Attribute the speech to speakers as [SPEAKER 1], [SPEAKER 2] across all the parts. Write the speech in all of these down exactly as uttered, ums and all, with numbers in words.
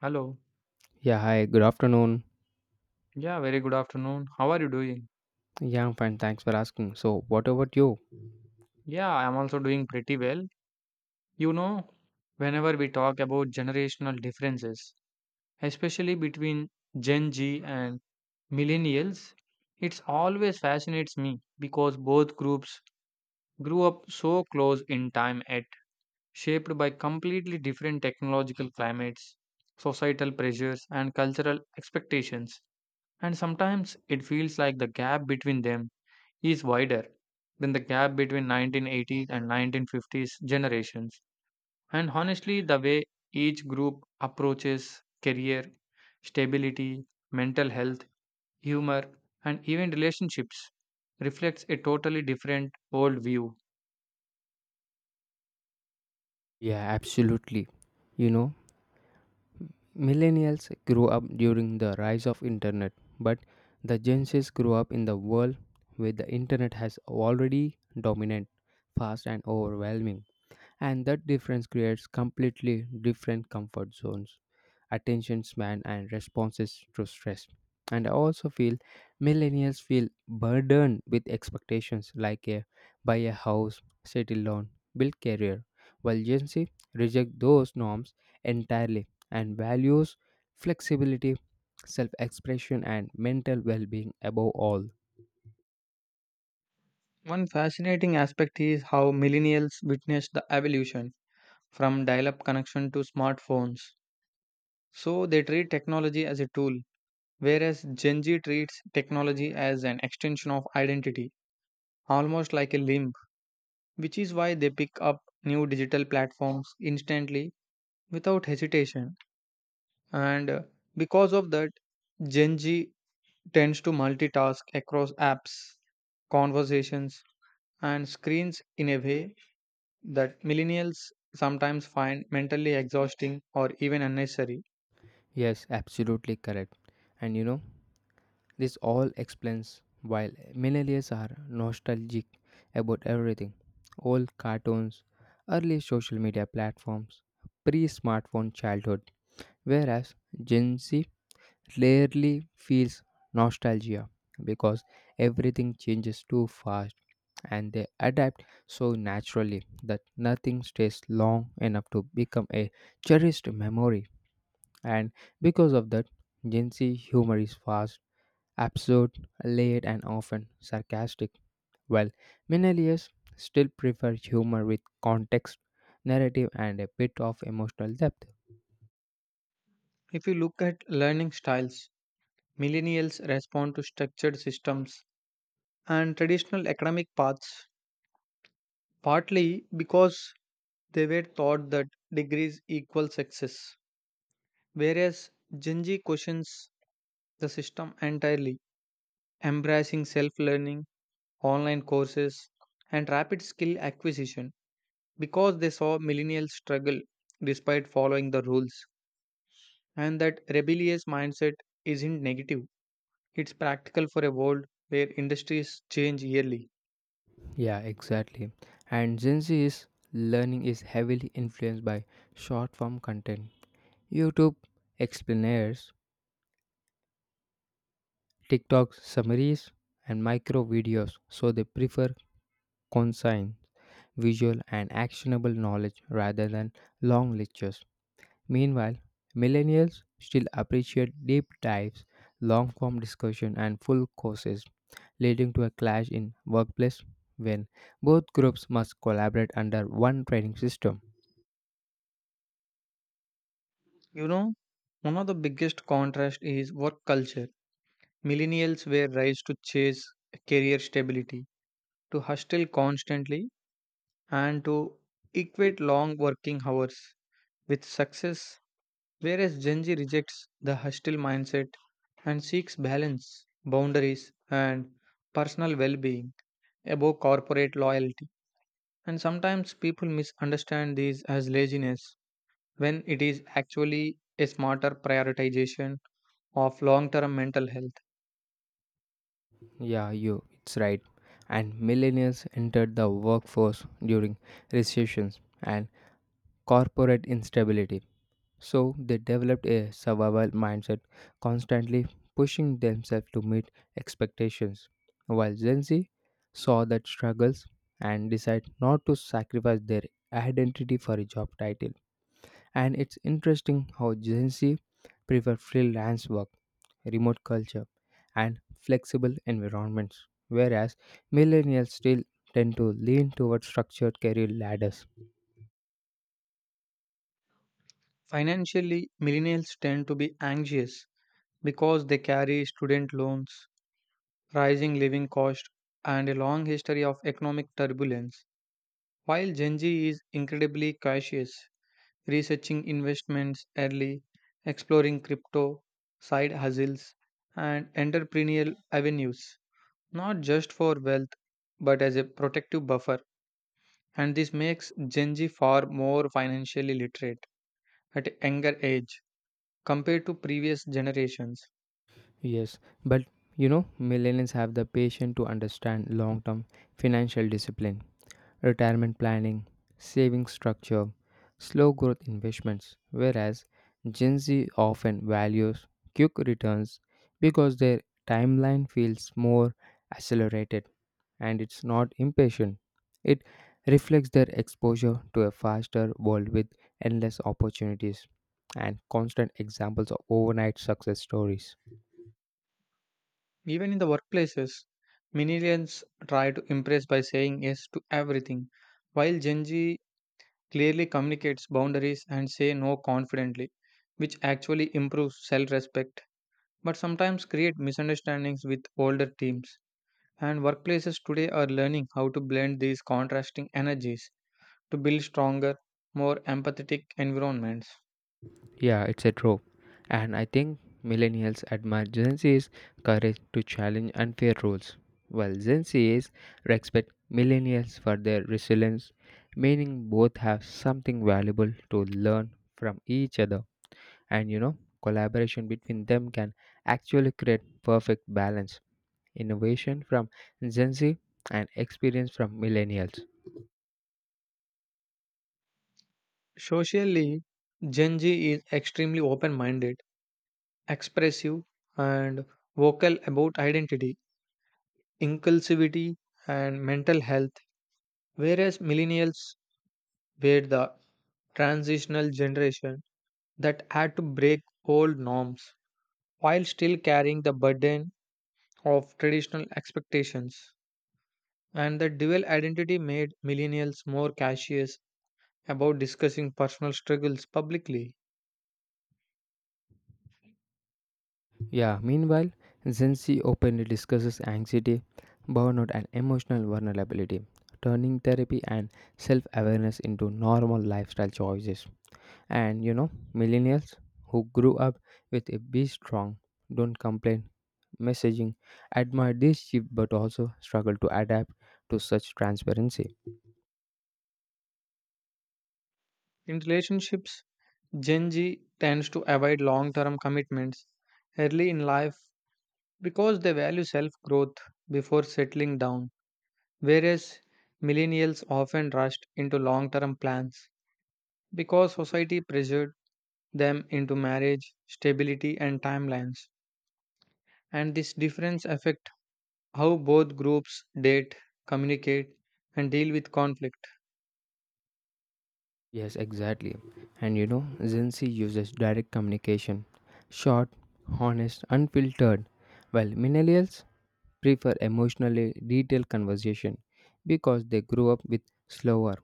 [SPEAKER 1] Hello.
[SPEAKER 2] Yeah, hi, good afternoon.
[SPEAKER 1] Yeah, very good afternoon. How are you doing?
[SPEAKER 2] Yeah, I'm fine, thanks for asking. So, what about you?
[SPEAKER 1] Yeah, I'm also doing pretty well. You know, whenever we talk about generational differences, especially between Gen Z and millennials, it's always fascinates me because both groups grew up so close in time yet shaped by completely different technological climates, societal pressures, and cultural expectations. And sometimes it feels like the gap between them is wider than the gap between nineteen eighties and nineteen fifties generations. And honestly, the way each group approaches career, stability, mental health, humor, and even relationships reflects a totally different worldview.
[SPEAKER 2] Yeah, absolutely. You know, millennials grew up during the rise of internet, but the Gen Zs grew up in the world where the internet has already dominant, fast and overwhelming. And that difference creates completely different comfort zones, attention span and responses to stress. And I also feel millennials feel burdened with expectations like a buy a house, settle down, build career, while Gen Z reject those norms entirely and values flexibility, self-expression and mental well-being above all.
[SPEAKER 1] One fascinating aspect is how millennials witnessed the evolution from dial up connection to smartphones. So they treat technology as a tool, whereas Gen Z treats technology as an extension of identity, almost like a limb, which is why they pick up new digital platforms instantly without hesitation. And uh, because of that, Gen Z tends to multitask across apps, conversations, and screens in a way that millennials sometimes find mentally exhausting or even unnecessary.
[SPEAKER 2] Yes, absolutely correct. And you know this all explains why millennials are nostalgic about everything, old cartoons, early social media platforms, pre smartphone childhood, whereas Gen Z rarely feels nostalgia because everything changes too fast and they adapt so naturally that nothing stays long enough to become a cherished memory. And because of that, Gen Z humor is fast, absurd, late, and often sarcastic, while millennials still prefer humor with context, narrative, and a bit of emotional depth.
[SPEAKER 1] If you look at learning styles, millennials respond to structured systems and traditional academic paths partly because they were taught that degrees equal success, whereas Genji questions the system entirely, embracing self learning, online courses, and rapid skill acquisition because they saw millennials struggle despite following the rules, and that rebellious mindset isn't negative, it's practical for a world where industries change yearly.
[SPEAKER 2] Yeah, exactly. And Gen Z's learning is heavily influenced by short form content. YouTube explainers, TikTok summaries, and micro videos, so they prefer consign, visual, and actionable knowledge rather than long lectures. Meanwhile, millennials still appreciate deep dives, long form discussion, and full courses, leading to a clash in workplace when both groups must collaborate under one training system.
[SPEAKER 1] You know, one of the biggest contrast is work culture. Millennials were raised to chase career stability, to hustle constantly, and to equate long working hours with success, whereas Gen Z rejects the hustle mindset and seeks balance, boundaries, and personal well being above corporate loyalty. And sometimes people misunderstand these as laziness when it is actually a smarter prioritization of long term mental health.
[SPEAKER 2] Yeah, you, it's right. And millennials entered the workforce during recessions and corporate instability. So they developed a survival mindset, constantly pushing themselves to meet expectations. While Gen Z saw that struggles and decide not to sacrifice their identity for a job title. And it's interesting how Gen Z prefer freelance work, remote culture, and flexible environments, whereas millennials still tend to lean towards structured career ladders.
[SPEAKER 1] Financially, millennials tend to be anxious because they carry student loans, rising living costs, and a long history of economic turbulence. While Gen Z is incredibly cautious, researching investments early, exploring crypto, side hustles, and entrepreneurial avenues, not just for wealth but as a protective buffer. And this makes Gen Z far more financially literate at a younger age compared to previous generations.
[SPEAKER 2] Yes, but you know, millennials have the patience to understand long term financial discipline, retirement planning, saving structure, slow growth investments, whereas Gen Z often values quick returns because their timeline feels more accelerated and it's not impatient. It reflects their exposure to a faster world with endless opportunities and constant examples of overnight success stories.
[SPEAKER 1] Even in the workplaces, millennials try to impress by saying yes to everything, while Gen Z clearly communicates boundaries and say no confidently, which actually improves self-respect, but sometimes create misunderstandings with older teams. And workplaces today are learning how to blend these contrasting energies to build stronger, more empathetic environments.
[SPEAKER 2] Yeah, it's a trope. And I think millennials admire Gen Z's courage to challenge unfair rules, while Gen Z's respect millennials for their resilience, meaning both have something valuable to learn from each other. And you know, collaboration between them can actually create perfect balance, innovation from Gen Z and experience from millennials.
[SPEAKER 1] Socially, Gen Z is extremely open-minded, expressive, and vocal about identity, inclusivity, and mental health, whereas millennials were the transitional generation that had to break old norms while still carrying the burden of traditional expectations. And the dual identity made millennials more cautious about discussing personal struggles publicly.
[SPEAKER 2] Yeah, meanwhile, Gen Z openly discusses anxiety, burnout, and emotional vulnerability, turning therapy and self awareness into normal lifestyle choices. And you know, millennials who grew up with a be strong, don't complain messaging admire this shift but also struggle to adapt to such transparency.
[SPEAKER 1] In relationships, Gen Z tends to avoid long term commitments early in life because they value self growth before settling down, whereas millennials often rushed into long term plans because society pressured them into marriage, stability, and timelines. And this difference affect how both groups date, communicate, and deal with conflict.
[SPEAKER 2] Yes, exactly. And you know, Gen Z uses direct communication, short, honest, unfiltered, while millennials prefer emotionally detailed conversation because they grew up with slower,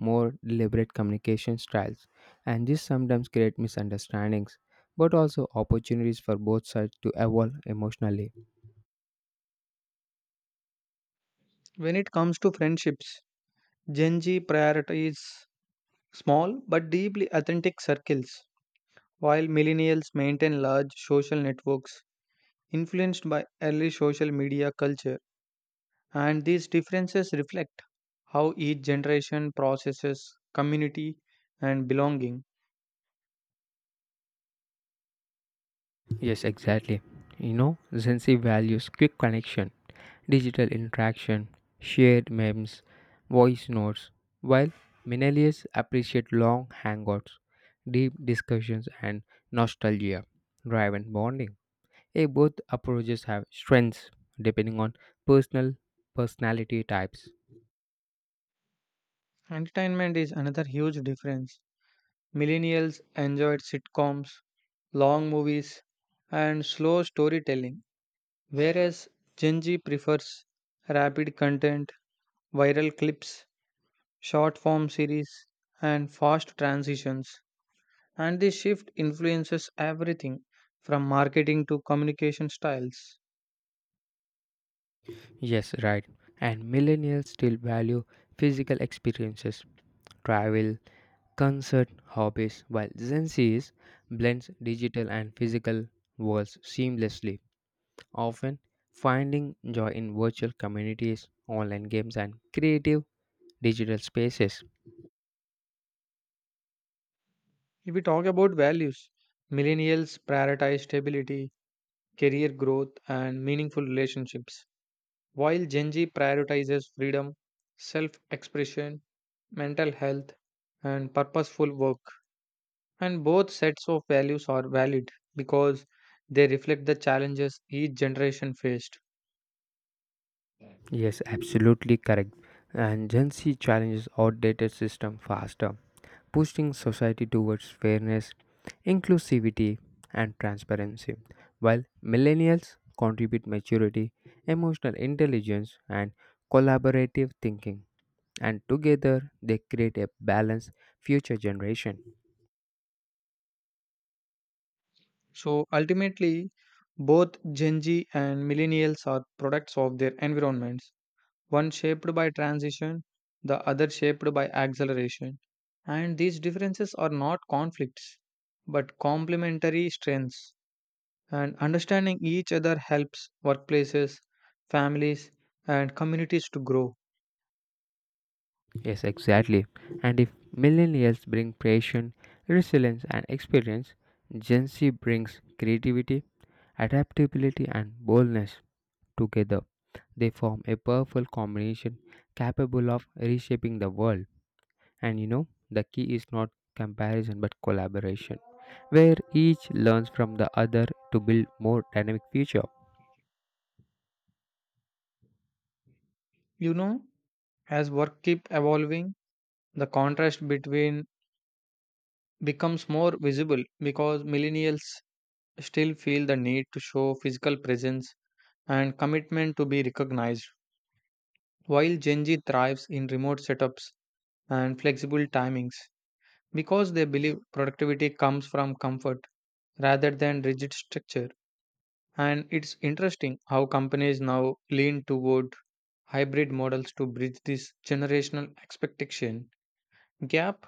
[SPEAKER 2] more deliberate communication styles, and this sometimes creates misunderstandings but also opportunities for both sides to evolve emotionally.
[SPEAKER 1] When it comes to friendships, Gen Z prioritizes small but deeply authentic circles, while millennials maintain large social networks influenced by early social media culture. And these differences reflect how each generation processes community and belonging.
[SPEAKER 2] Yes, exactly. You know, Zensi values quick connection, digital interaction, shared memes, voice notes, while millennials appreciate long hangouts, deep discussions, and nostalgia driven bonding. Eh, both approaches have strengths depending on personal personality types.
[SPEAKER 1] Entertainment is another huge difference. Millennials enjoyed sitcoms, long movies, and slow storytelling, whereas Gen Z prefers rapid content, viral clips, short form series, and fast transitions. And this shift influences everything from marketing to communication styles.
[SPEAKER 2] Yes, right. And millennials still value physical experiences, travel, concert, hobbies, while Gen Z's blends digital and physical worlds seamlessly, often finding joy in virtual communities, online games, and creative digital spaces.
[SPEAKER 1] If we talk about values, millennials prioritize stability, career growth, and meaningful relationships, while Gen Z prioritizes freedom, self expression, mental health, and purposeful work. And both sets of values are valid because they reflect the challenges each generation faced.
[SPEAKER 2] Yes, absolutely correct. And Gen Z challenges outdated system faster, pushing society towards fairness, inclusivity, and transparency, while millennials contribute maturity, emotional intelligence, and collaborative thinking, and together they create a balanced future generation.
[SPEAKER 1] So ultimately, both Gen Z and millennials are products of their environments, one shaped by transition, the other shaped by acceleration. And these differences are not conflicts, but complementary strengths. And understanding each other helps workplaces, families, and communities to grow.
[SPEAKER 2] Yes, exactly. And if millennials bring passion, resilience, and experience, Gen Z brings creativity, adaptability, and boldness. Together, they form a powerful combination capable of reshaping the world. And you know, the key is not comparison but collaboration, where each learns from the other to build more dynamic future.
[SPEAKER 1] You know, as work keep evolving, the contrast between becomes more visible because millennials still feel the need to show physical presence and commitment to be recognized, while Gen Z thrives in remote setups and flexible timings because they believe productivity comes from comfort rather than rigid structure. And it's interesting how companies now lean toward hybrid models to bridge this generational expectation gap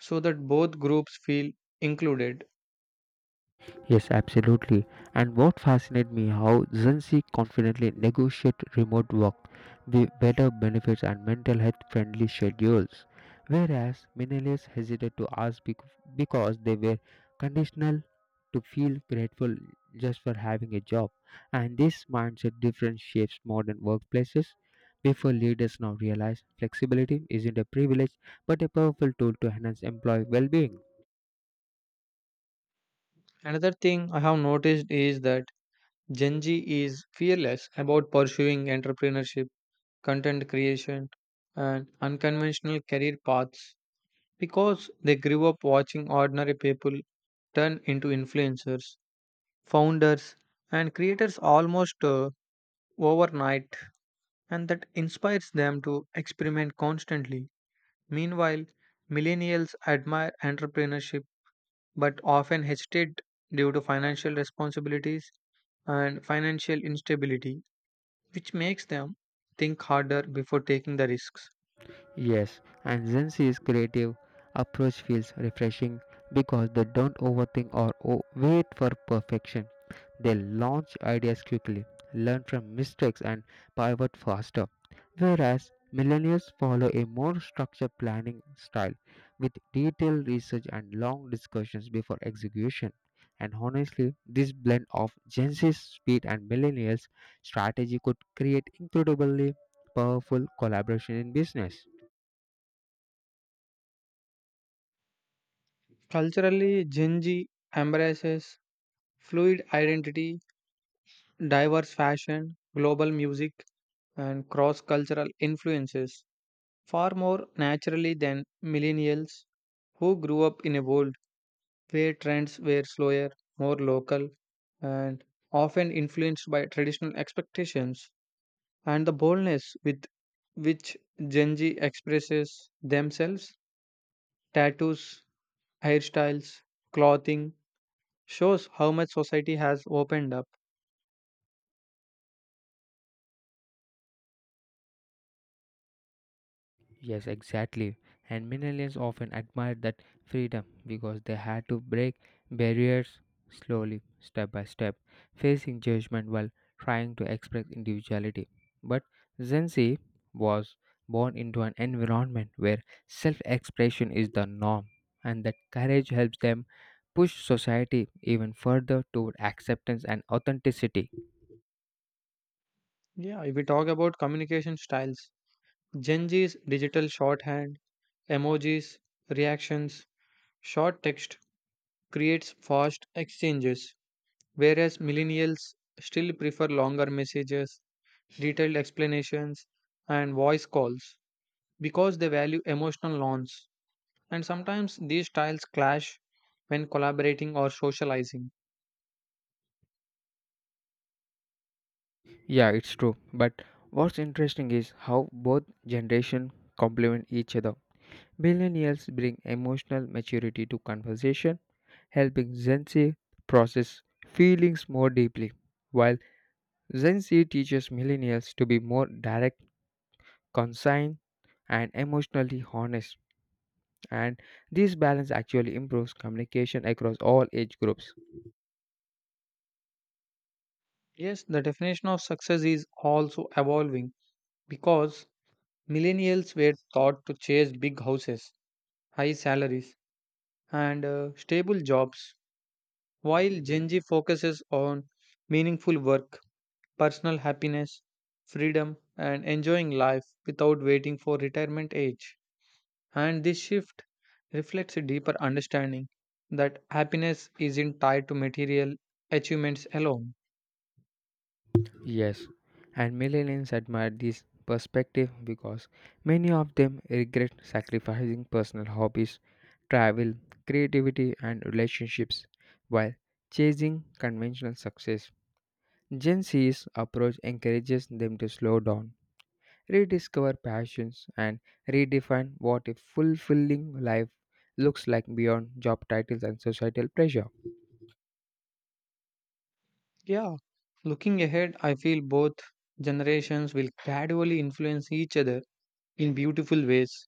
[SPEAKER 1] so that both groups feel included.
[SPEAKER 2] Yes, absolutely. And what fascinated me how Zenzi confidently negotiate remote work, the better benefits and mental health friendly schedules, whereas millennials hesitated to ask bec- because they were conditional to feel grateful just for having a job. And this mindset difference shapes modern workplaces. Before leaders now realize flexibility isn't a privilege but a powerful tool to enhance employee well-being.
[SPEAKER 1] Another thing I have noticed is that Gen Z is fearless about pursuing entrepreneurship, content creation, and unconventional career paths because they grew up watching ordinary people turn into influencers, founders, and creators almost uh, overnight, and that inspires them to experiment constantly. Meanwhile, millennials admire entrepreneurship but often hesitate due to financial responsibilities and financial instability, which makes them think harder before taking the risks.
[SPEAKER 2] Yes, and Gen Z's creative approach feels refreshing because they don't overthink or o- wait for perfection. They launch ideas quickly, learn from mistakes, and pivot faster. Whereas millennials follow a more structured planning style with detailed research and long discussions before execution. And honestly, this blend of Gen Z's speed and millennials' strategy could create incredibly powerful collaboration in business.
[SPEAKER 1] Culturally, Gen Z embraces fluid identity, diverse fashion, global music, and cross cultural influences far more naturally than millennials who grew up in a world where trends were slower, more local, and often influenced by traditional expectations. And the boldness with which Gen Z expresses themselves, tattoos, hairstyles, clothing, shows how much society has opened up.
[SPEAKER 2] Yes, exactly. And millennials often admired that freedom because they had to break barriers slowly, step by step, facing judgment while trying to express individuality. But Gen Z was born into an environment where self expression is the norm and that courage helps them push society even further toward acceptance and authenticity.
[SPEAKER 1] Yeah, if we talk about communication styles, Gen Z's digital shorthand, emojis, reactions, short text creates fast exchanges, whereas millennials still prefer longer messages, detailed explanations, and voice calls because they value emotional norms. And sometimes these styles clash when collaborating or socializing.
[SPEAKER 2] Yeah, it's true. But what's interesting is how both generation complement each other. Millennials bring emotional maturity to conversation, helping Gen Z process feelings more deeply, while Gen Z teaches millennials to be more direct, concise, and emotionally honest. And this balance actually improves communication across all age groups.
[SPEAKER 1] Yes, the definition of success is also evolving because millennials were taught to chase big houses, high salaries, and uh, stable jobs, while Gen Z focuses on meaningful work, personal happiness, freedom, and enjoying life without waiting for retirement age. And this shift reflects a deeper understanding that happiness isn't tied to material achievements alone.
[SPEAKER 2] Yes, and millennials admire this perspective because many of them regret sacrificing personal hobbies, travel, creativity, and relationships while chasing conventional success. Gen Z's approach encourages them to slow down, rediscover passions, and redefine what a fulfilling life looks like beyond job titles and societal pressure.
[SPEAKER 1] Yeah, looking ahead, I feel both generations will gradually influence each other in beautiful ways.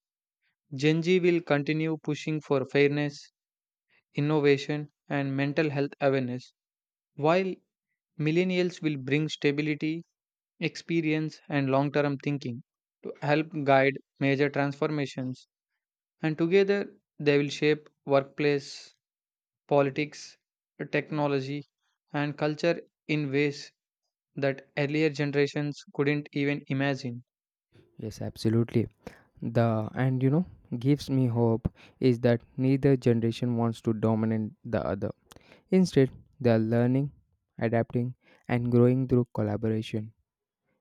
[SPEAKER 1] Gen Z will continue pushing for fairness, innovation, and mental health awareness, while millennials will bring stability, experience, and long term thinking to help guide major transformations. And together, they will shape workplace, politics, technology, and culture in ways that earlier generations couldn't even imagine.
[SPEAKER 2] Yes, absolutely. The and you know gives me hope is that neither generation wants to dominate the other. Instead, they are learning, adapting, and growing through collaboration.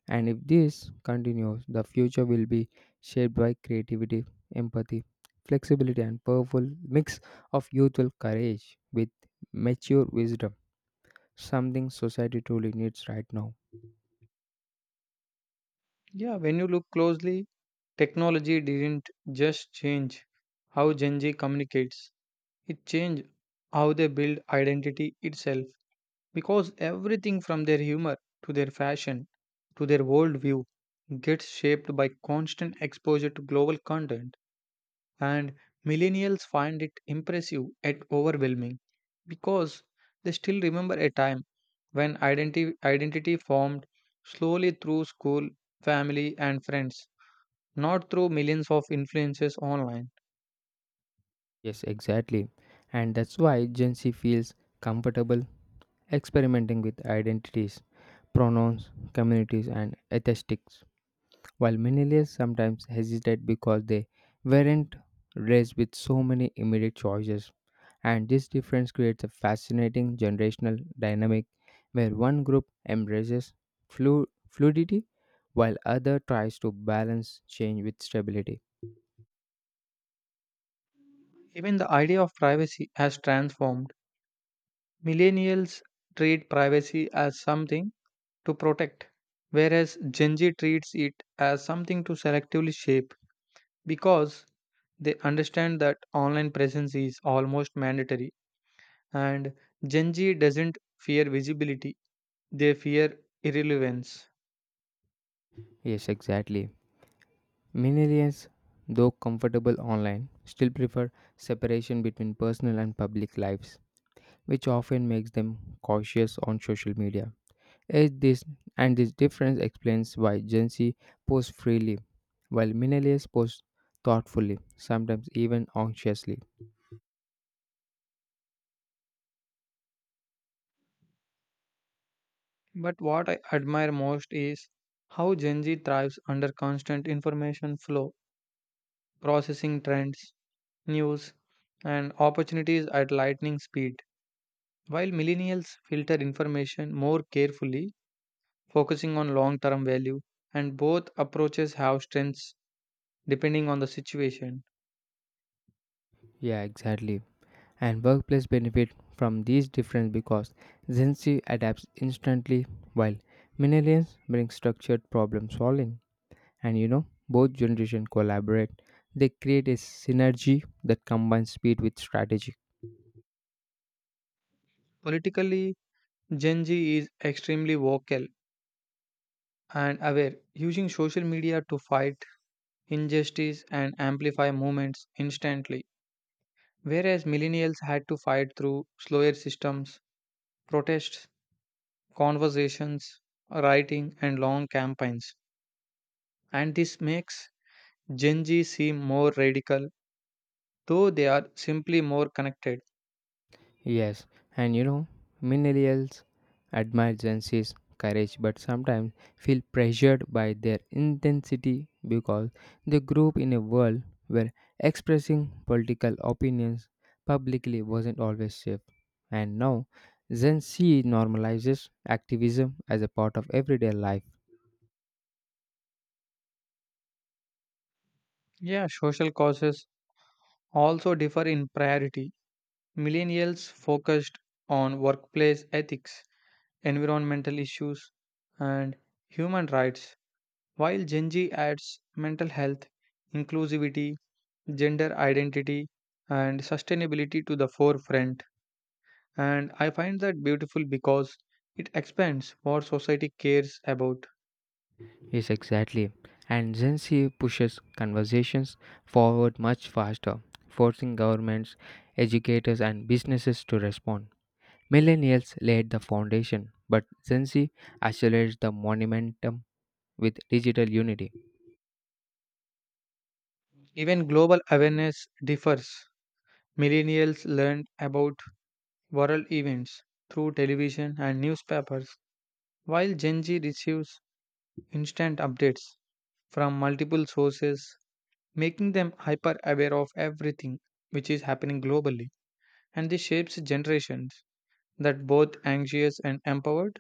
[SPEAKER 2] And if this continues, the future will be shaped by creativity, empathy, flexibility and powerful mix of youthful courage with mature wisdom, something society truly needs right now.
[SPEAKER 1] Yeah, when you look closely, technology didn't just change how Gen Z communicates, it changed how they build identity itself because everything from their humor to their fashion to their worldview gets shaped by constant exposure to global content. And millennials find it impressive yet overwhelming because they still remember a time when identity, identity formed slowly through school, family, and friends, not through millions of influences online.
[SPEAKER 2] Yes, exactly. And that's why Gen Z feels comfortable experimenting with identities, pronouns, communities, and aesthetics, while millennials sometimes hesitate because they weren't raised with so many immediate choices. And this difference creates a fascinating generational dynamic where one group embraces flu- fluidity while other tries to balance change with stability.
[SPEAKER 1] Even the idea of privacy has transformed. Millennials treat privacy as something to protect, whereas Gen Z treats it as something to selectively shape because they understand that online presence is almost mandatory, and Gen Z doesn't fear visibility, they fear irrelevance.
[SPEAKER 2] Yes, exactly. Millennials, though comfortable online, still prefer separation between personal and public lives, which often makes them cautious on social media. As this and this difference explains why Gen Z posts freely, while millennials post thoughtfully, sometimes even anxiously.
[SPEAKER 1] But what I admire most is how Gen Z thrives under constant information flow, processing trends, news, and opportunities at lightning speed, while millennials filter information more carefully, focusing on long term value, and both approaches have strengths depending on the situation.
[SPEAKER 2] Yeah, exactly. And workplace benefit from these difference because Gen Z adapts instantly while millennials bring structured problem solving. and you know, both generation collaborate, they create a synergy that combines speed with strategy.
[SPEAKER 1] Politically, Gen Z is extremely vocal and aware, using social media to fight injustice and amplify movements instantly, whereas millennials had to fight through slower systems, protests, conversations, writing, and long campaigns. And this makes Gen Z seem more radical though they are simply more connected.
[SPEAKER 2] Yes and you know Millennials admire Gen Z's courage but sometimes feel pressured by their intensity because they grew up in a world where expressing political opinions publicly wasn't always safe, and now Gen Z normalizes activism as a part of everyday life.
[SPEAKER 1] Yeah, social causes also differ in priority. Millennials focused on workplace ethics, environmental issues, and human rights, while Gen Z adds mental health, inclusivity, gender identity, and sustainability to the forefront. And I find that beautiful because it expands what society cares about.
[SPEAKER 2] Yes, exactly. And Gen Z pushes conversations forward much faster, forcing governments, educators, and businesses to respond. Millennials laid the foundation, but Gen Z accelerates the momentum with digital unity.
[SPEAKER 1] Even global awareness differs. Millennials learn about viral events through television and newspapers, while Gen Z receives instant updates from multiple sources, making them hyper aware of everything which is happening globally. And this shapes generations that both anxious and empowered.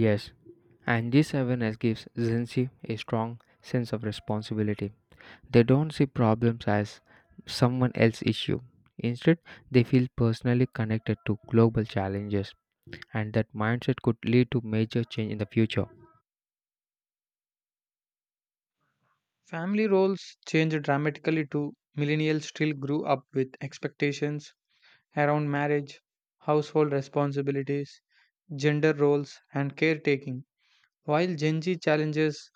[SPEAKER 2] Yes, and this awareness gives Gen Z a strong sense of responsibility. They don't see problems as someone else's issue. Instead, they feel personally connected to global challenges. And that mindset could lead to major change in the future.
[SPEAKER 1] Family roles change dramatically too. Millennials still grew up with expectations around marriage, household responsibilities, gender roles, and caretaking, while Gen Z challenges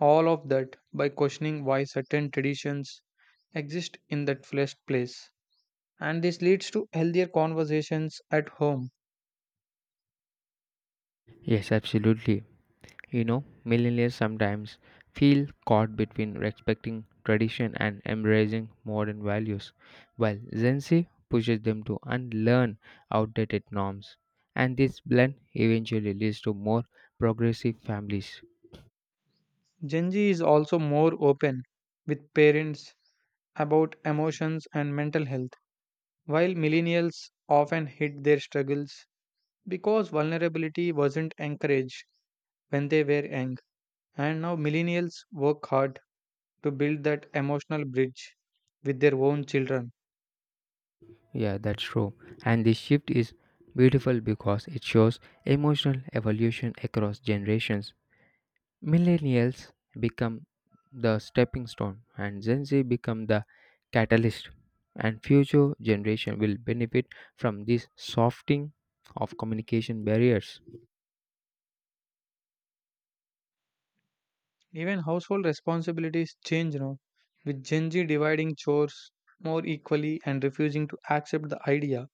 [SPEAKER 1] all of that by questioning why certain traditions exist in that first place. And this leads to healthier conversations at home.
[SPEAKER 2] Yes, absolutely. You know, millennials sometimes feel caught between respecting tradition and embracing modern values, while Gen Z pushes them to unlearn outdated norms. And this blend eventually leads to more progressive families.
[SPEAKER 1] Gen Z is also more open with parents about emotions and mental health, while millennials often hid their struggles because vulnerability wasn't encouraged when they were young. And now millennials work hard to build that emotional bridge with their own children.
[SPEAKER 2] Yeah, that's true. And this shift is beautiful because it shows emotional evolution across generations. Millennials become the stepping stone and Gen Z become the catalyst, and future generation will benefit from this softening of communication barriers.
[SPEAKER 1] Even household responsibilities change now, with Gen Z dividing chores more equally and refusing to accept the idea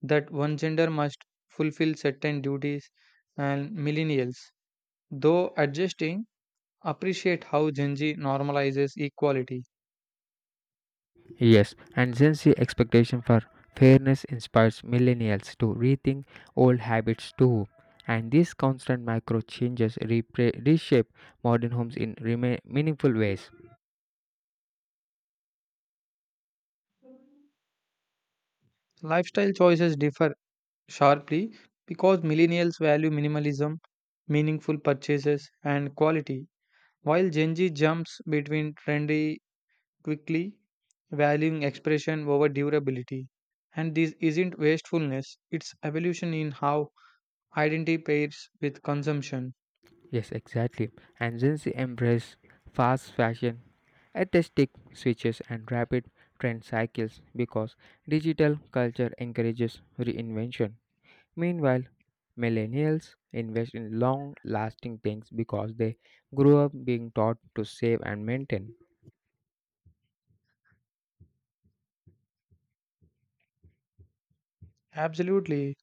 [SPEAKER 1] that one gender must fulfill certain duties, and millennials, though adjusting, appreciate how Gen Z normalizes equality.
[SPEAKER 2] Yes, and Gen Z expectation for fairness inspires millennials to rethink old habits too. And these constant micro changes repra- reshape modern homes in rema- meaningful ways.
[SPEAKER 1] Lifestyle choices differ sharply because millennials value minimalism, meaningful purchases, and quality, while Gen Z jumps between trendy quickly, valuing expression over durability. And this isn't wastefulness, it's evolution in how identity pairs with consumption.
[SPEAKER 2] Yes, exactly. And Gen Z embrace fast fashion, artistic switches, and rapid trend cycles because digital culture encourages reinvention. Meanwhile, millennials invest in long lasting things because they grew up being taught to save and maintain.
[SPEAKER 1] Absolutely,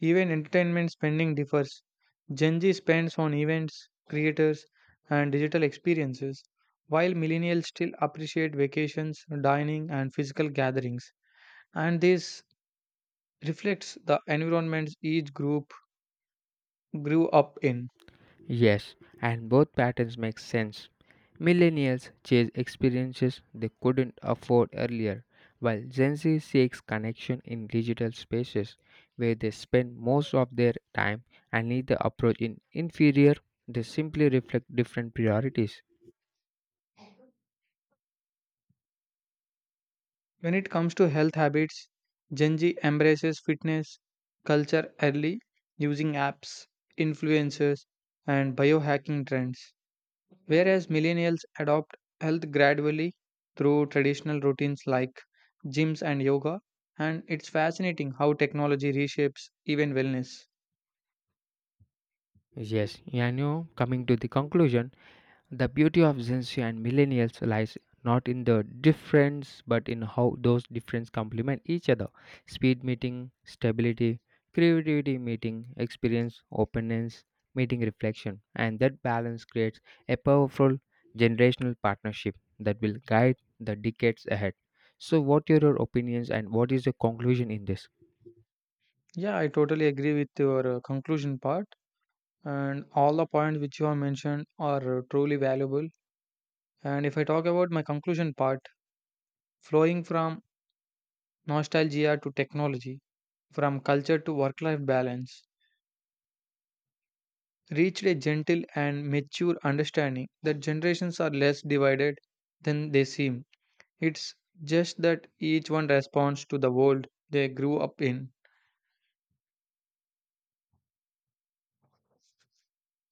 [SPEAKER 1] even entertainment spending differs. Gen Z spends on events, creators, and digital experiences, while millennials still appreciate vacations, dining, and physical gatherings. And this reflects the environments each group grew up in.
[SPEAKER 2] Yes, and both patterns make sense. Millennials chase experiences they couldn't afford earlier, while Gen Z seeks connection in digital spaces where they spend most of their time, and neither approach in inferior, they simply reflect different priorities.
[SPEAKER 1] When it comes to health habits, Gen Z embraces fitness culture early using apps, influencers, and biohacking trends, whereas millennials adopt health gradually through traditional routines like gyms and yoga. And it's fascinating how technology reshapes even wellness.
[SPEAKER 2] Yes, you know, coming to the conclusion, the beauty of Gen Z and millennials lies not in the difference but in how those differences complement each other. Speed meeting, stability, creativity meeting, experience, openness, meeting reflection. And that balance creates a powerful generational partnership that will guide the decades ahead. So what are your opinions and what is your conclusion in this?
[SPEAKER 1] Yeah, I totally agree with your uh, conclusion part, and all the points which you have mentioned are uh, truly valuable. And if I talk about my conclusion part, flowing from nostalgia to technology, from culture to work life balance, reached a gentle and mature understanding that generations are less divided than they seem. It's just that each one responds to the world they grew up in.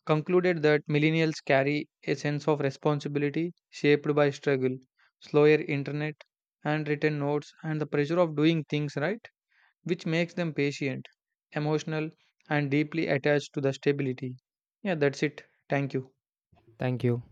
[SPEAKER 1] Concluded that millennials carry a sense of responsibility shaped by struggle, slower internet, handwritten notes, and the pressure of doing things right which makes them patient, emotional, and deeply attached to the stability. Yeah, that's it. Thank you.
[SPEAKER 2] Thank you.